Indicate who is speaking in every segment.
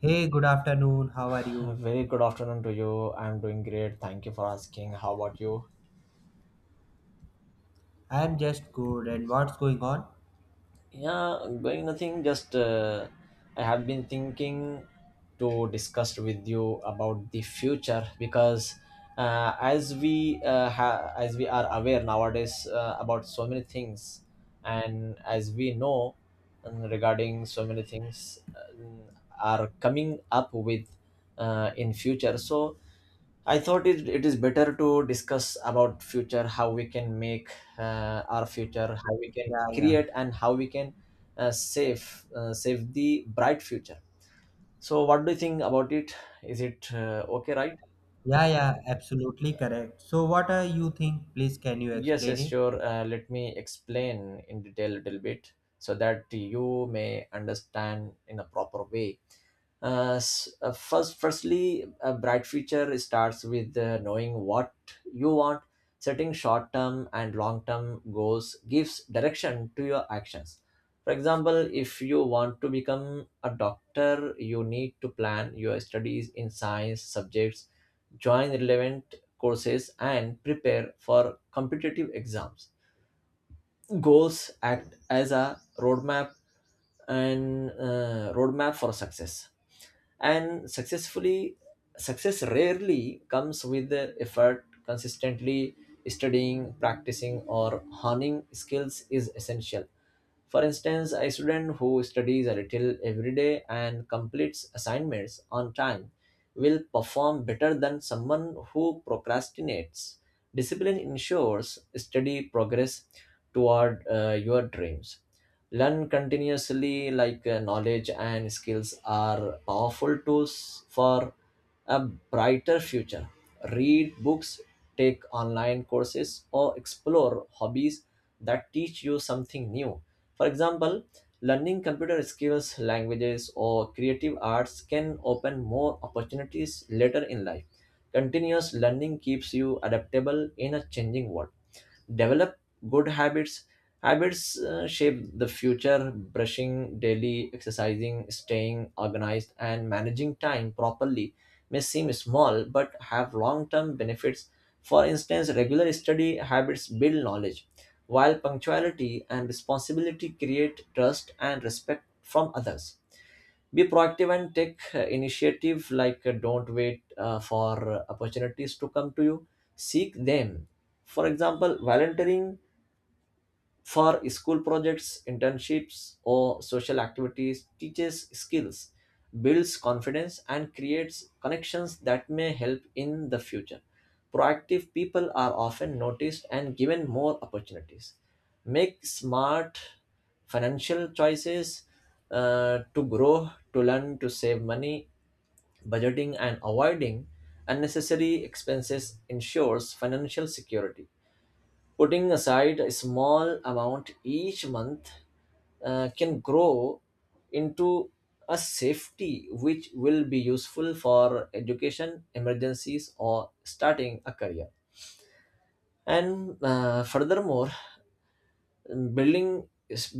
Speaker 1: Hey, good afternoon. How are
Speaker 2: A
Speaker 1: you?
Speaker 2: very good afternoon to you. I'm doing great. Thank you for asking. How about you?
Speaker 1: I am just good. And what's going on?
Speaker 2: Yeah, going nothing. Just I have been thinking to discuss with you about the future because as we as we are aware nowadays about so many things, and as we know regarding so many things um, are coming up with in future. So I thought it is better to discuss about future, how we can make our future, how we can
Speaker 1: Yeah, yeah.
Speaker 2: create, and how we can save save the bright future. So, what do you think about it? Is it okay, right?
Speaker 1: Yeah, yeah, absolutely correct. So, what are you think? Please, can you
Speaker 2: Yes,
Speaker 1: explain
Speaker 2: yes,
Speaker 1: it?
Speaker 2: sure. Let me explain in detail a little bit so that you may understand in a proper way. Firstly, a bright future starts with knowing what you want. Setting short-term and long-term goals gives direction to your actions. For example, if you want to become a doctor, you need to plan your studies in science subjects, join relevant courses, and prepare for competitive exams. Goals act as a roadmap, and roadmap for success and success rarely comes with the effort. Consistently studying, practicing, or honing skills is essential. For instance, a student who studies a little every day and completes assignments on time will perform better than someone who procrastinates. Discipline ensures steady progress toward your dreams. Learn continuously, like knowledge and skills are powerful tools for a brighter future. Read books, take online courses, or explore hobbies that teach you something new. For example, learning computer skills, languages, or creative arts can open more opportunities later in life. Continuous learning keeps you adaptable in a changing world. Develop good habits. Shape the future, brushing daily, exercising, staying organized, and managing time properly may seem small but have long-term benefits. For instance, regular study habits build knowledge, while punctuality and responsibility create trust and respect from others. Be proactive and take initiative, like don't wait for opportunities to come to you, seek them. For example, volunteering for school projects, internships, or social activities teaches skills, builds confidence, and creates connections that may help in the future. Proactive people are often noticed and given more opportunities. Make smart financial choices. To grow, to learn, to save money, budgeting, and avoiding unnecessary expenses ensures financial security. Putting aside a small amount each month can grow into a safety which will be useful for education, emergencies, or starting a career. And furthermore, building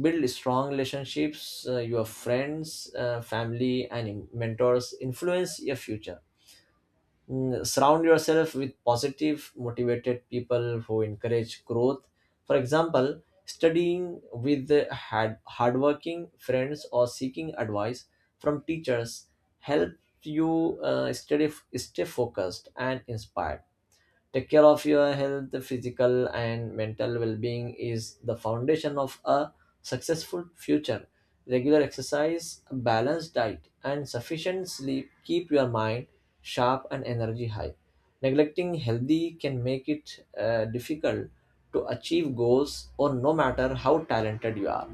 Speaker 2: build strong relationships. Your friends, family, and mentors influence your future. Mm, surround yourself with positive motivated people who encourage growth. For example, studying with the hardworking friends or seeking advice from teachers help you study, stay focused and inspired. Take care of your health, physical and mental well being is the foundation of a successful future. Regular exercise, a balanced diet, and sufficient sleep keep your mind sharp and energy high. Neglecting healthy can make it difficult to achieve goals, or no matter how talented you are.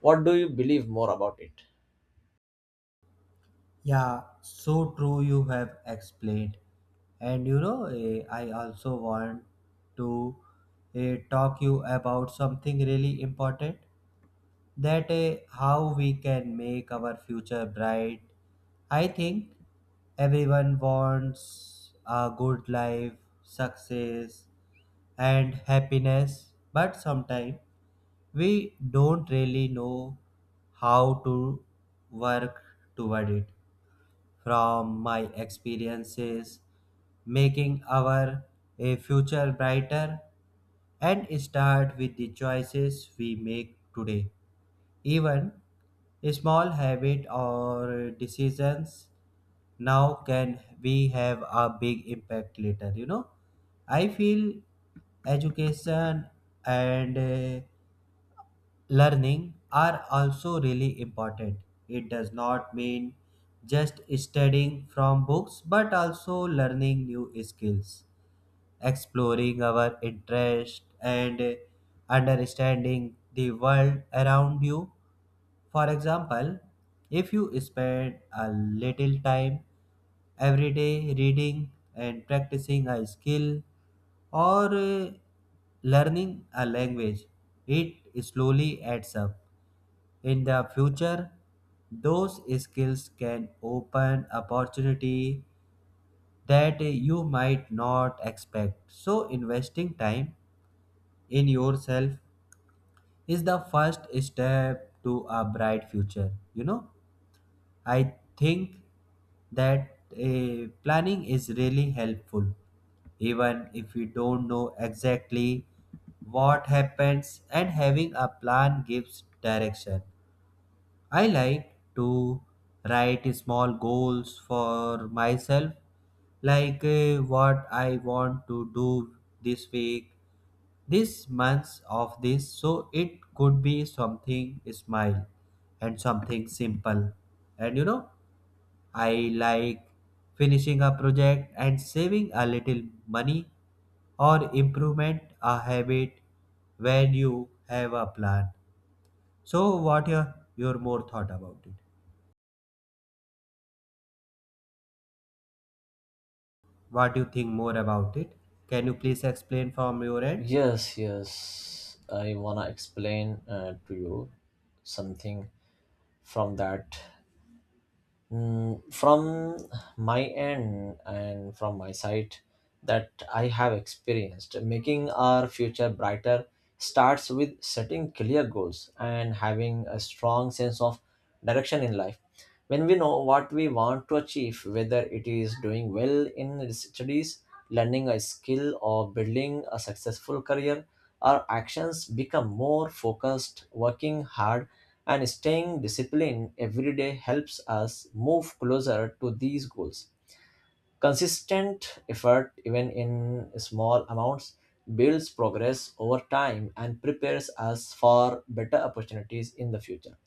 Speaker 2: What do you believe more about it?
Speaker 1: Yeah, so true you have explained. And I also want to talk you about something really important. That How we can make our future bright. I think everyone wants a good life, success, and happiness, but sometimes we don't really know how to work toward it. From my experiences, making our a future brighter and start with the choices we make today. Even small habits or decisions now can we have a big impact later. I feel education and learning are also really important. It does not mean just studying from books but also learning new skills, exploring our interest and understanding the world around you. For example, if you spend a little time every day reading and practicing a skill or learning a language, it slowly adds up. In the future, those skills can open opportunity that you might not expect. So, investing time in yourself is the first step to a bright future. I think that planning is really helpful, even if you don't know exactly what happens, and having a plan gives direction. I like to write small goals for myself, like what I want to do this week, this month of this, so it could be something smile and something simple. And I like finishing a project and saving a little money or improvement a habit when you have a plan. So what your more thought about it? What do you think more about it? Can you please explain from your end?
Speaker 2: Yes, yes. I wanna explain to you something from that. Mm, from my end and from my side, that I have experienced making our future brighter starts with setting clear goals and having a strong sense of direction in life. When we know what we want to achieve, whether it is doing well in studies, learning a skill, or building a successful career, our actions become more focused. Working hard and staying disciplined every day helps us move closer to these goals. Consistent effort, even in small amounts, builds progress over time and prepares us for better opportunities in the future.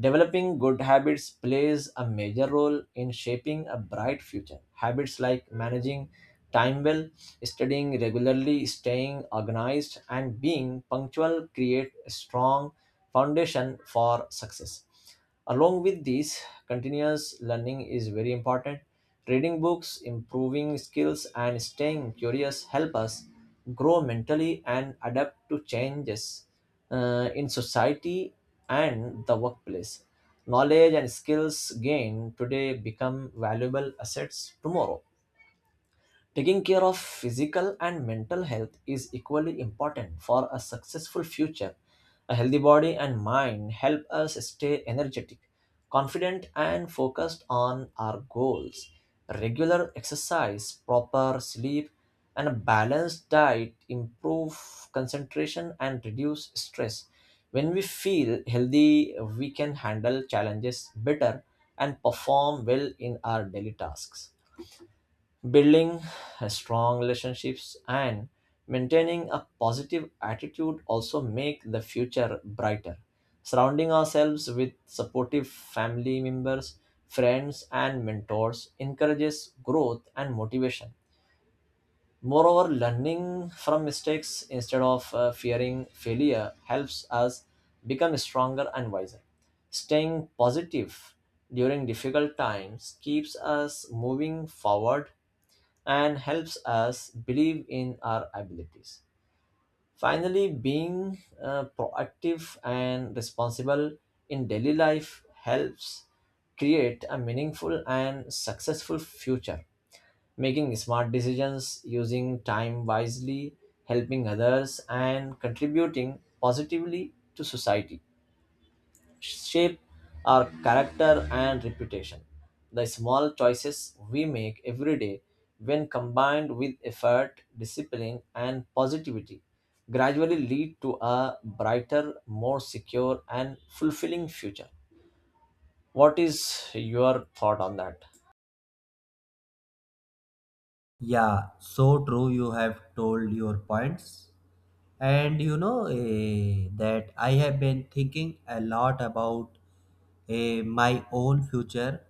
Speaker 2: Developing good habits plays a major role in shaping a bright future. Habits like managing time well, studying regularly, staying organized, and being punctual create a strong foundation for success. Along with this, continuous learning is very important. Reading books, improving skills, and staying curious help us grow mentally and adapt to changes in society and the workplace. Knowledge and skills gained today become valuable assets tomorrow. Taking care of physical and mental health is equally important for a successful future. A healthy body and mind help us stay energetic, confident, and focused on our goals. Regular exercise, proper sleep, and a balanced diet improve concentration and reduce stress. When we feel healthy, we can handle challenges better and perform well in our daily tasks. Building strong relationships and maintaining a positive attitude also make the future brighter. Surrounding ourselves with supportive family members, friends, and mentors encourages growth and motivation. Moreover, learning from mistakes instead of fearing failure helps us become stronger and wiser. Staying positive during difficult times keeps us moving forward and helps us believe in our abilities. Finally, being proactive and responsible in daily life helps create a meaningful and successful future. Making smart decisions, using time wisely, helping others, and contributing positively to society shape our character and reputation. The small choices we make every day, when combined with effort, discipline, and positivity, gradually lead to a brighter, more secure, and fulfilling future. What is your thought on that?
Speaker 1: Yeah, so true you have told your points. And that I have been thinking a lot about my own future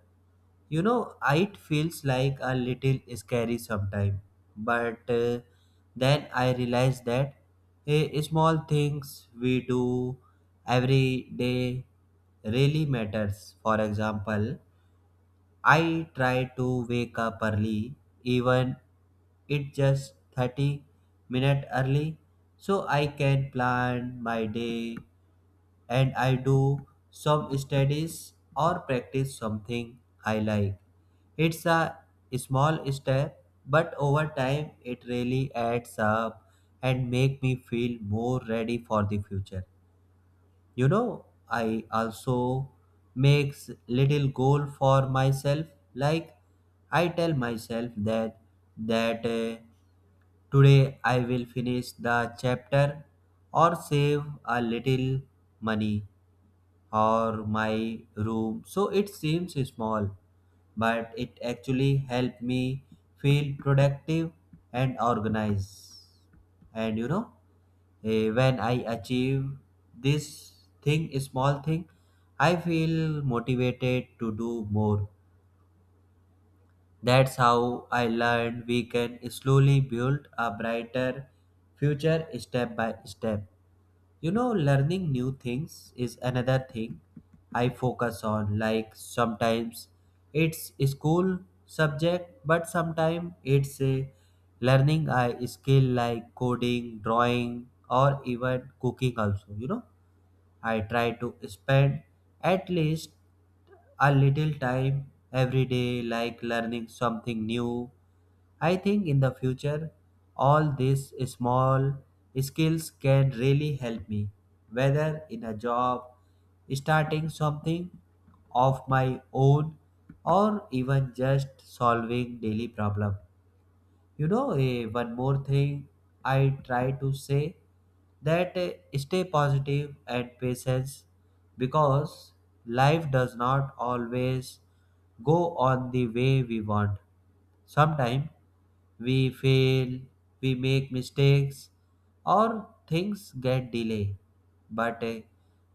Speaker 1: you know It feels like a little scary sometimes, but then I realize that small things we do every day really matters. For example, I try to wake up early, even it just 30 minutes early, so I can plan my day and I do some studies or practice something I like. It's a small step, but over time it really adds up and make me feel more ready for the future. You know, I also makes little goal for myself, like I tell myself that today I will finish the chapter or save a little money or my room. So it seems small, but it actually helped me feel productive and organized. And when I achieve this thing, small thing, I feel motivated to do more. That's how I learned we can slowly build a brighter future step by step. Learning new things is another thing I focus on. Like sometimes it's a school subject, but sometimes it's a learning a skill like coding, drawing, or even cooking also. I try to spend at least a little time every day like learning something new. I think in the future, all these small skills can really help me, whether in a job, starting something of my own, or even just solving daily problem. One more thing I try to say that stay positive and patience, because life does not always go on the way we want. Sometimes we fail, we make mistakes, or things get delayed. But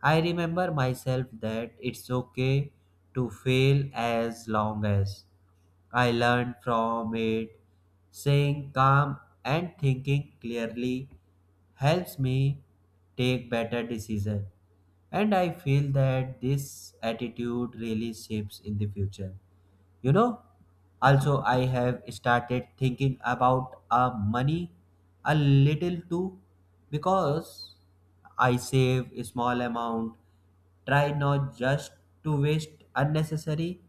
Speaker 1: I remember myself that it's okay to fail as long as I learn from it. Staying calm and thinking clearly helps me take better decisions. And I feel that this attitude really shapes in the future. You know, also I have started thinking about money a little too, because I save a small amount, try not just to waste unnecessary,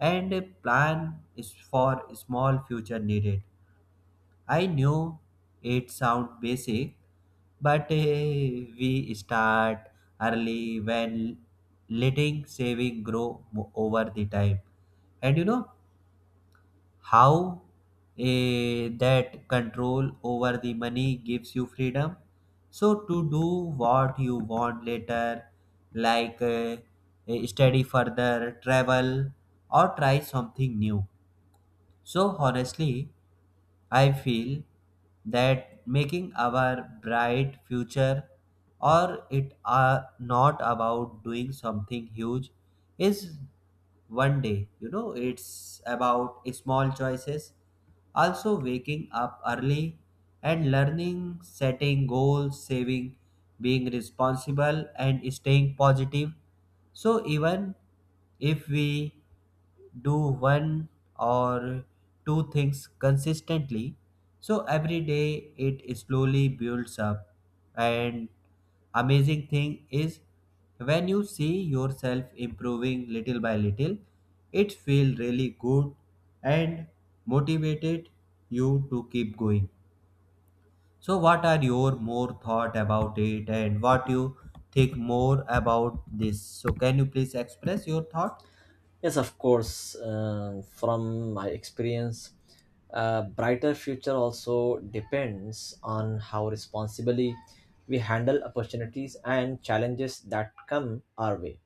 Speaker 1: and a plan is for small future needed. I know it sound basic, but we start early when letting saving over the time. And how that control over the money gives you freedom so to do what you want later, like study further, travel, or try something new. So honestly I feel that making our bright future or it are not about doing something huge is one day. It's about small choices, also waking up early, and learning, setting goals, saving, being responsible, and staying positive. So even if we do one or two things consistently, so every day it slowly builds up. And amazing thing is when you see yourself improving little by little, it feels really good and motivated you to keep going. So, what are your more thought about it, and what you think more about this? So, can you please express your thought?
Speaker 2: Yes, of course. From my experience, a brighter future also depends on how responsibly we handle opportunities and challenges that come our way.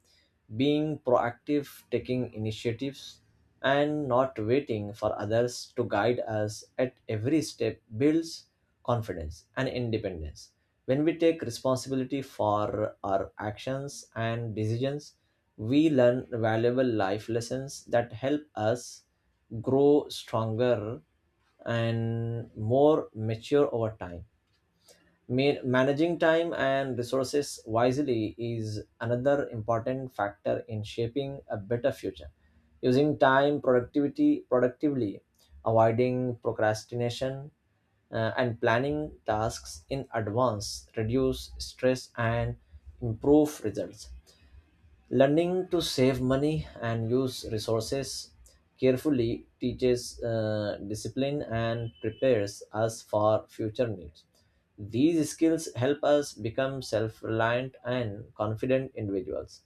Speaker 2: Being proactive, taking initiatives, and not waiting for others to guide us at every step builds confidence and independence. When we take responsibility for our actions and decisions, we learn valuable life lessons that help us grow stronger and more mature over time. Managing time and resources wisely is another important factor in shaping a better future. Using time productivity productively, avoiding procrastination, and planning tasks in advance reduce stress and improve results. Learning to save money and use resources carefully teaches discipline and prepares us for future needs. These skills help us become self reliant and confident individuals.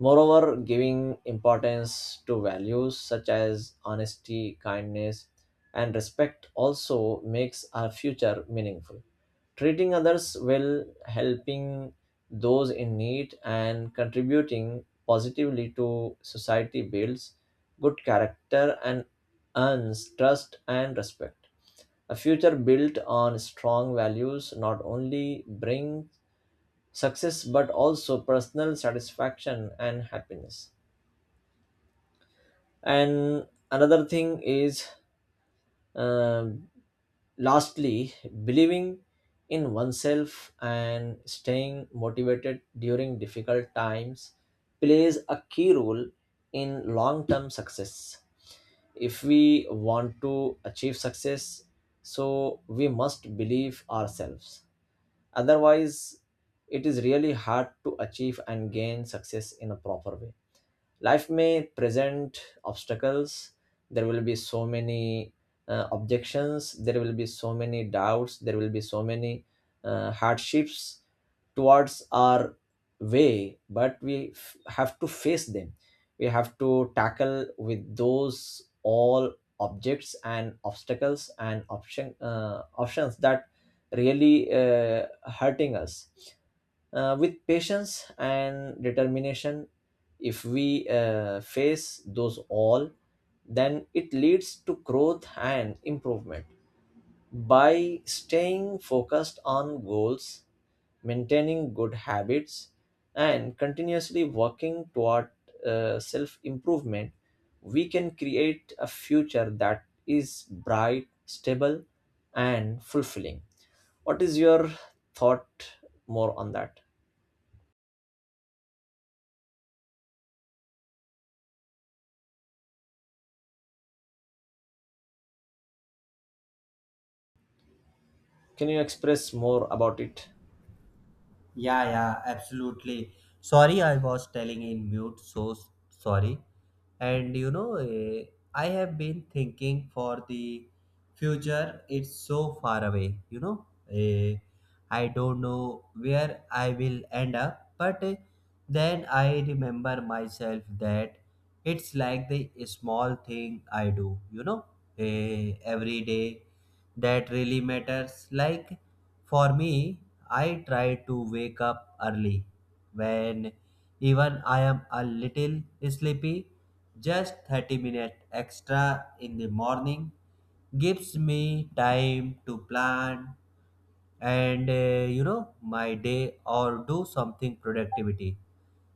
Speaker 2: Moreover, giving importance to values such as honesty, kindness, and respect also makes our future meaningful. Treating others well, helping those in need, and contributing positively to society builds good character and earns trust and respect. A future built on strong values not only brings success but also personal satisfaction and happiness. And another thing is, um, lastly, believing in oneself and staying motivated during difficult times plays a key role in long term success. If we want to achieve success, so we must believe ourselves, otherwise it is really hard to achieve and gain success in a proper way. Life may present obstacles, there will be so many objections, there will be so many doubts, there will be so many hardships towards our way, but we have to face them. We have to tackle with those all objects and obstacles and options that really hurting us with patience and determination. If we face those all, then it leads to growth and improvement. By staying focused on goals, maintaining good habits, and continuously working toward self improvement, we can create a future that is bright, stable, and fulfilling. What is your thought more on that? Can you express more about it?
Speaker 1: Yeah, yeah, absolutely. Sorry, I was telling in mute, so sorry. And I have been thinking for the future, it's so far away. Eh, I don't know where I will end up, but then I remember myself that it's like the small thing I do, every day, that really matters. Like for me, I try to wake up early when even I am a little sleepy. Just 30 minutes extra in the morning gives me time to plan and my day or do something productivity,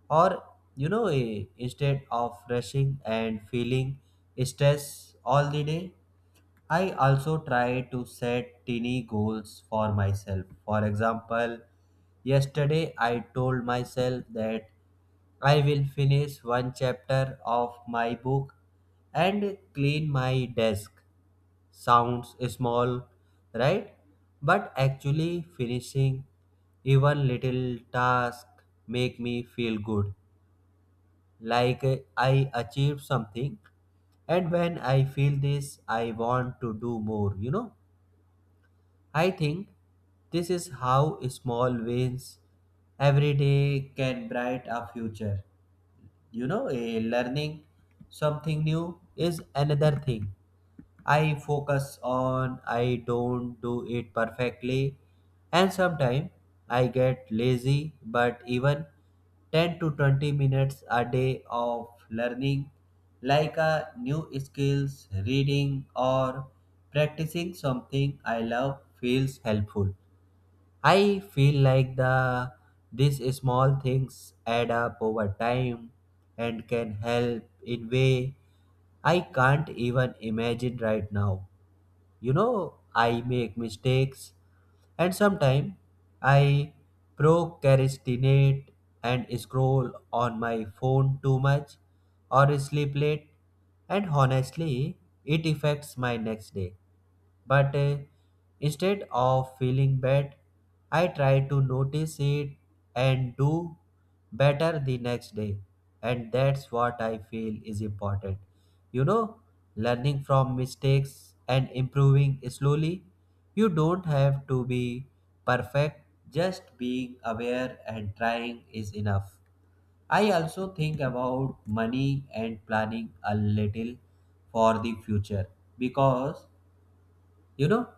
Speaker 1: or instead of rushing and feeling stress all the day. I also try to set tiny goals for myself. For example, yesterday I told myself that I will finish one chapter of my book and clean my desk. Sounds small, right? But actually finishing even little task make me feel good, like I achieved something. And when I feel this, I want to do more. I think this is how small wins every day can bright a future. You know, a learning something new is another thing I focus on. I don't do it perfectly, and sometimes I get lazy, but even 10 to 20 minutes a day of learning, like a new skills, reading, or practicing something I love, feels helpful. I feel like the these small things add up over time and can help in way I can't even imagine right now. You know, I make mistakes and sometimes I procrastinate and scroll on my phone too much or sleep late, and honestly it affects my next day. But instead of feeling bad, I try to notice it and do better the next day. And that's what I feel is important. You know, learning from mistakes and improving slowly. You don't have to be perfect, just being aware and trying is enough. I also think about money and planning a little for the future, because you know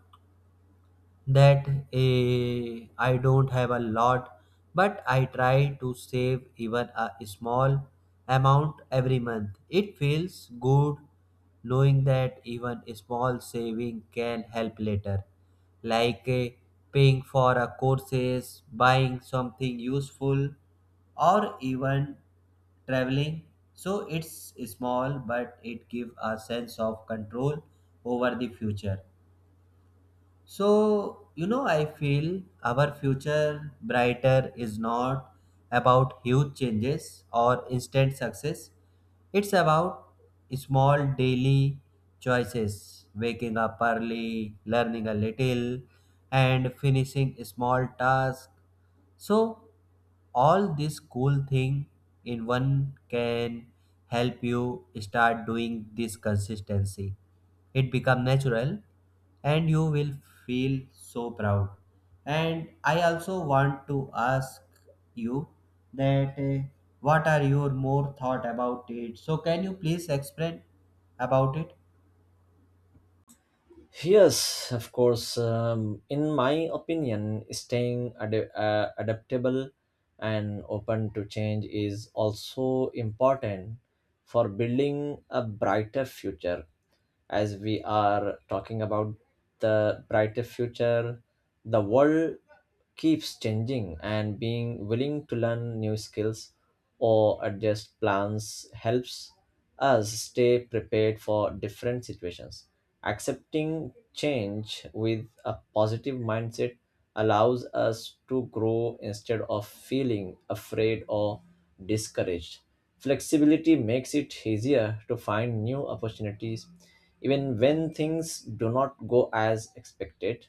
Speaker 1: that I don't have a lot, but I try to save even a small amount every month. It feels good knowing that even a small saving can help later, like paying for a courses, buying something useful, or even traveling. So it's small, but it gives a sense of control over the future. So, you know, I feel our future brighter is not about huge changes or instant success. It's about small daily choices, waking up early, learning a little, and finishing small tasks. So, all this cool thing in one can help you start doing this consistency. It become natural and you will feel so proud. And I also want to ask you that what are your more thought about it? So can you please explain about it?
Speaker 2: Yes, of course. In my opinion, staying adaptable and open to change is also important for building a brighter future. As we are talking about the brighter future, the world keeps changing, and being willing to learn new skills or adjust plans helps us stay prepared for different situations. Accepting change with a positive mindset allows us to grow instead of feeling afraid or discouraged. Flexibility makes it easier to find new opportunities even when things do not go as expected.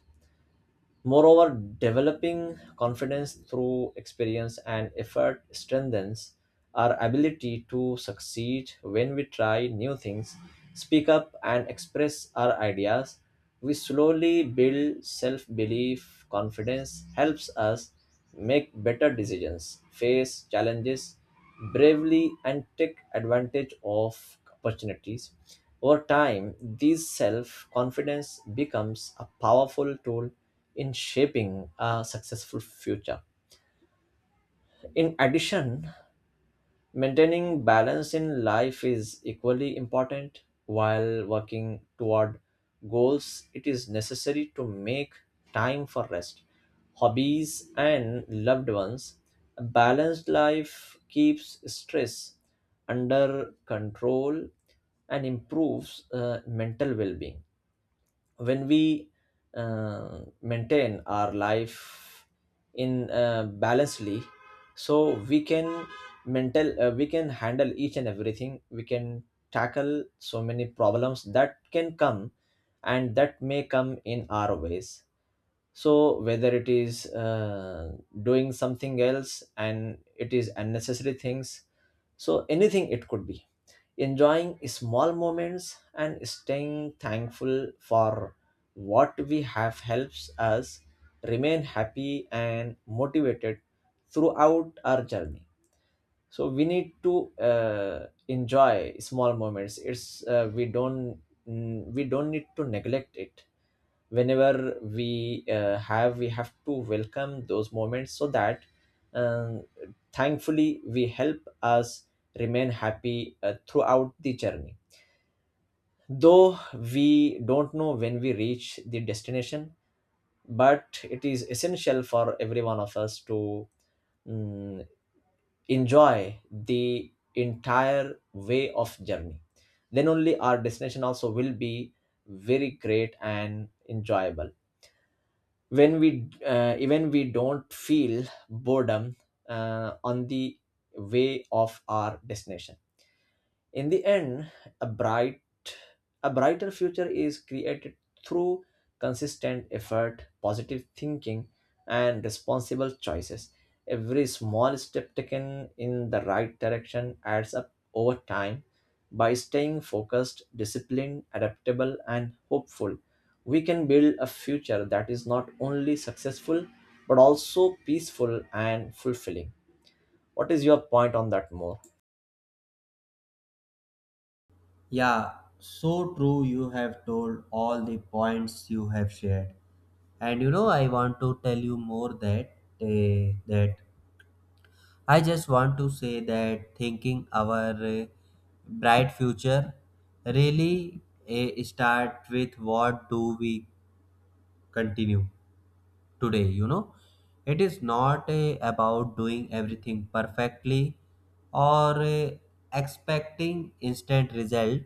Speaker 2: Moreover, developing confidence through experience and effort strengthens our ability to succeed. When we try new things, speak up, and express our ideas, we slowly build self belief. Confidence helps us make better decisions, face challenges bravely, and take advantage of opportunities. Over time, this self confidence becomes a powerful tool in shaping a successful future. In addition, maintaining balance in life is equally important. While working toward goals, it is necessary to make time for rest, hobbies, and loved ones. A balanced life keeps stress under control and improves mental well being. When we maintain our life in balancedly, so we can mental we can handle each and everything, we can tackle so many problems that can come and that may come in our ways. So whether it is doing something else and it is unnecessary things, so anything it could be, enjoying small moments and staying thankful for what we have helps us remain happy and motivated throughout our journey. So we need to enjoy small moments. It's we don't need to neglect it. Whenever we have we have to welcome those moments, so that um, thankfully we help us remain happy throughout the journey, though we don't know when we reach the destination. But it is essential for every one of us to mm, enjoy the entire way of journey. Then only our destination also will be very great and enjoyable, when we even we don't feel boredom on the way of our destination. In the end, a bright a brighter future is created through consistent effort, positive thinking, and responsible choices. Every small step taken in the right direction adds up over time. By staying focused, disciplined, adaptable, and hopeful, we can build a future that is not only successful but also peaceful and fulfilling. What is your point on that more?
Speaker 1: Yeah, so true you have told all the points you have shared. And I want to tell you more uh, that I just want to say that thinking our uh, bright future really start with what do we continue today. You know, it is not about doing everything perfectly or expecting instant result.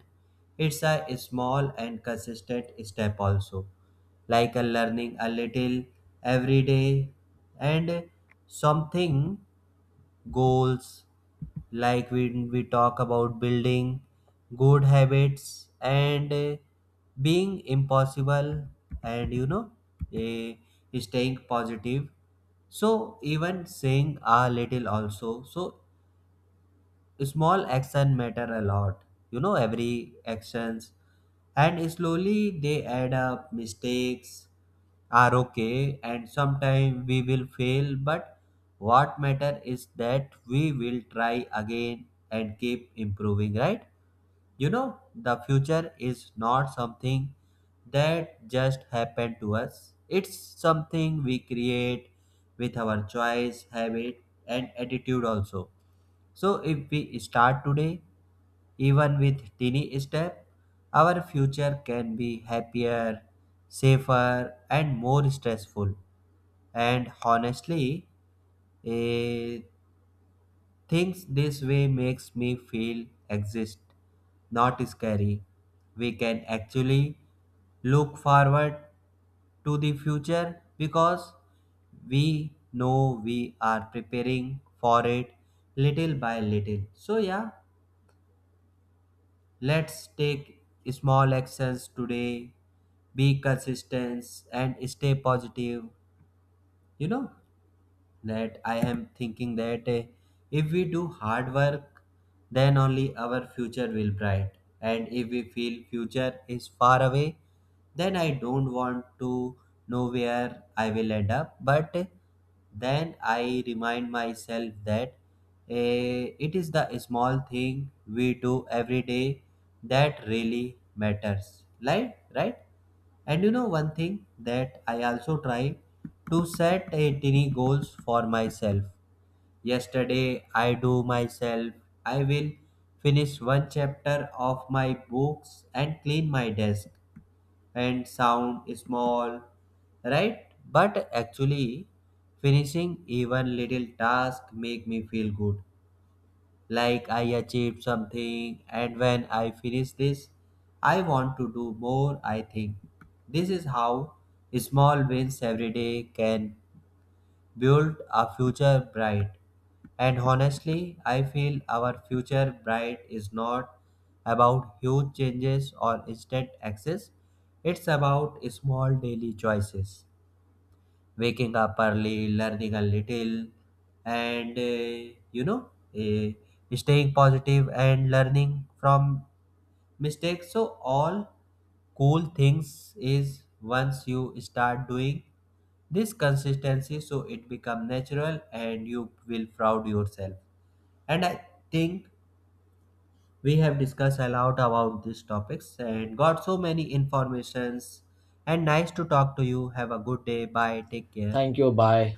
Speaker 1: It's a small and consistent step also, like a learning a little every day and something goals, like we talk about building good habits and being impossible. And eh, staying positive, so even saying a little also, so small action matter a lot. Every actions and slowly they add up. Mistakes are okay and sometimes we will fail, but what matter is that we will try again and keep improving, right? You know, the future is not something that just happened to us. It's something we create with our choice, habit, and attitude also. So if we start today, even with tiny step, our future can be happier, safer, and more stressful. And honestly, eh, things this way makes me feel exist, not scary. We can actually look forward to the future because we know we are preparing for it little by little. So yeah, let's take small actions today, be consistent and stay positive. You know, that I am thinking that if we do hard work, then only our future will bright. And if we feel future is far away, then I don't want to know where I will end up. But then I remind myself that it is the small thing we do every day that really matters. Like, right? And one thing that I also try to set a tiny goals for myself. Yesterday I do myself. I will finish one chapter of my books and clean my desk, and sound small, right? But actually finishing even little task make me feel good, like I achieved something, and when I finish this, I want to do more. I think this is how small wins every day can build a future bright. And honestly, I feel our future bright is not about huge changes or instant access. It's about small daily choices, waking up early, learning a little, and uh, staying positive and learning from mistakes. So, all cool things is once you start doing this consistency, so it become natural and you will proud yourself. And I think we have discussed a lot about these topics and got so many informations. And nice to talk to you. Have a good day. Bye, take care.
Speaker 2: Thank you. Bye.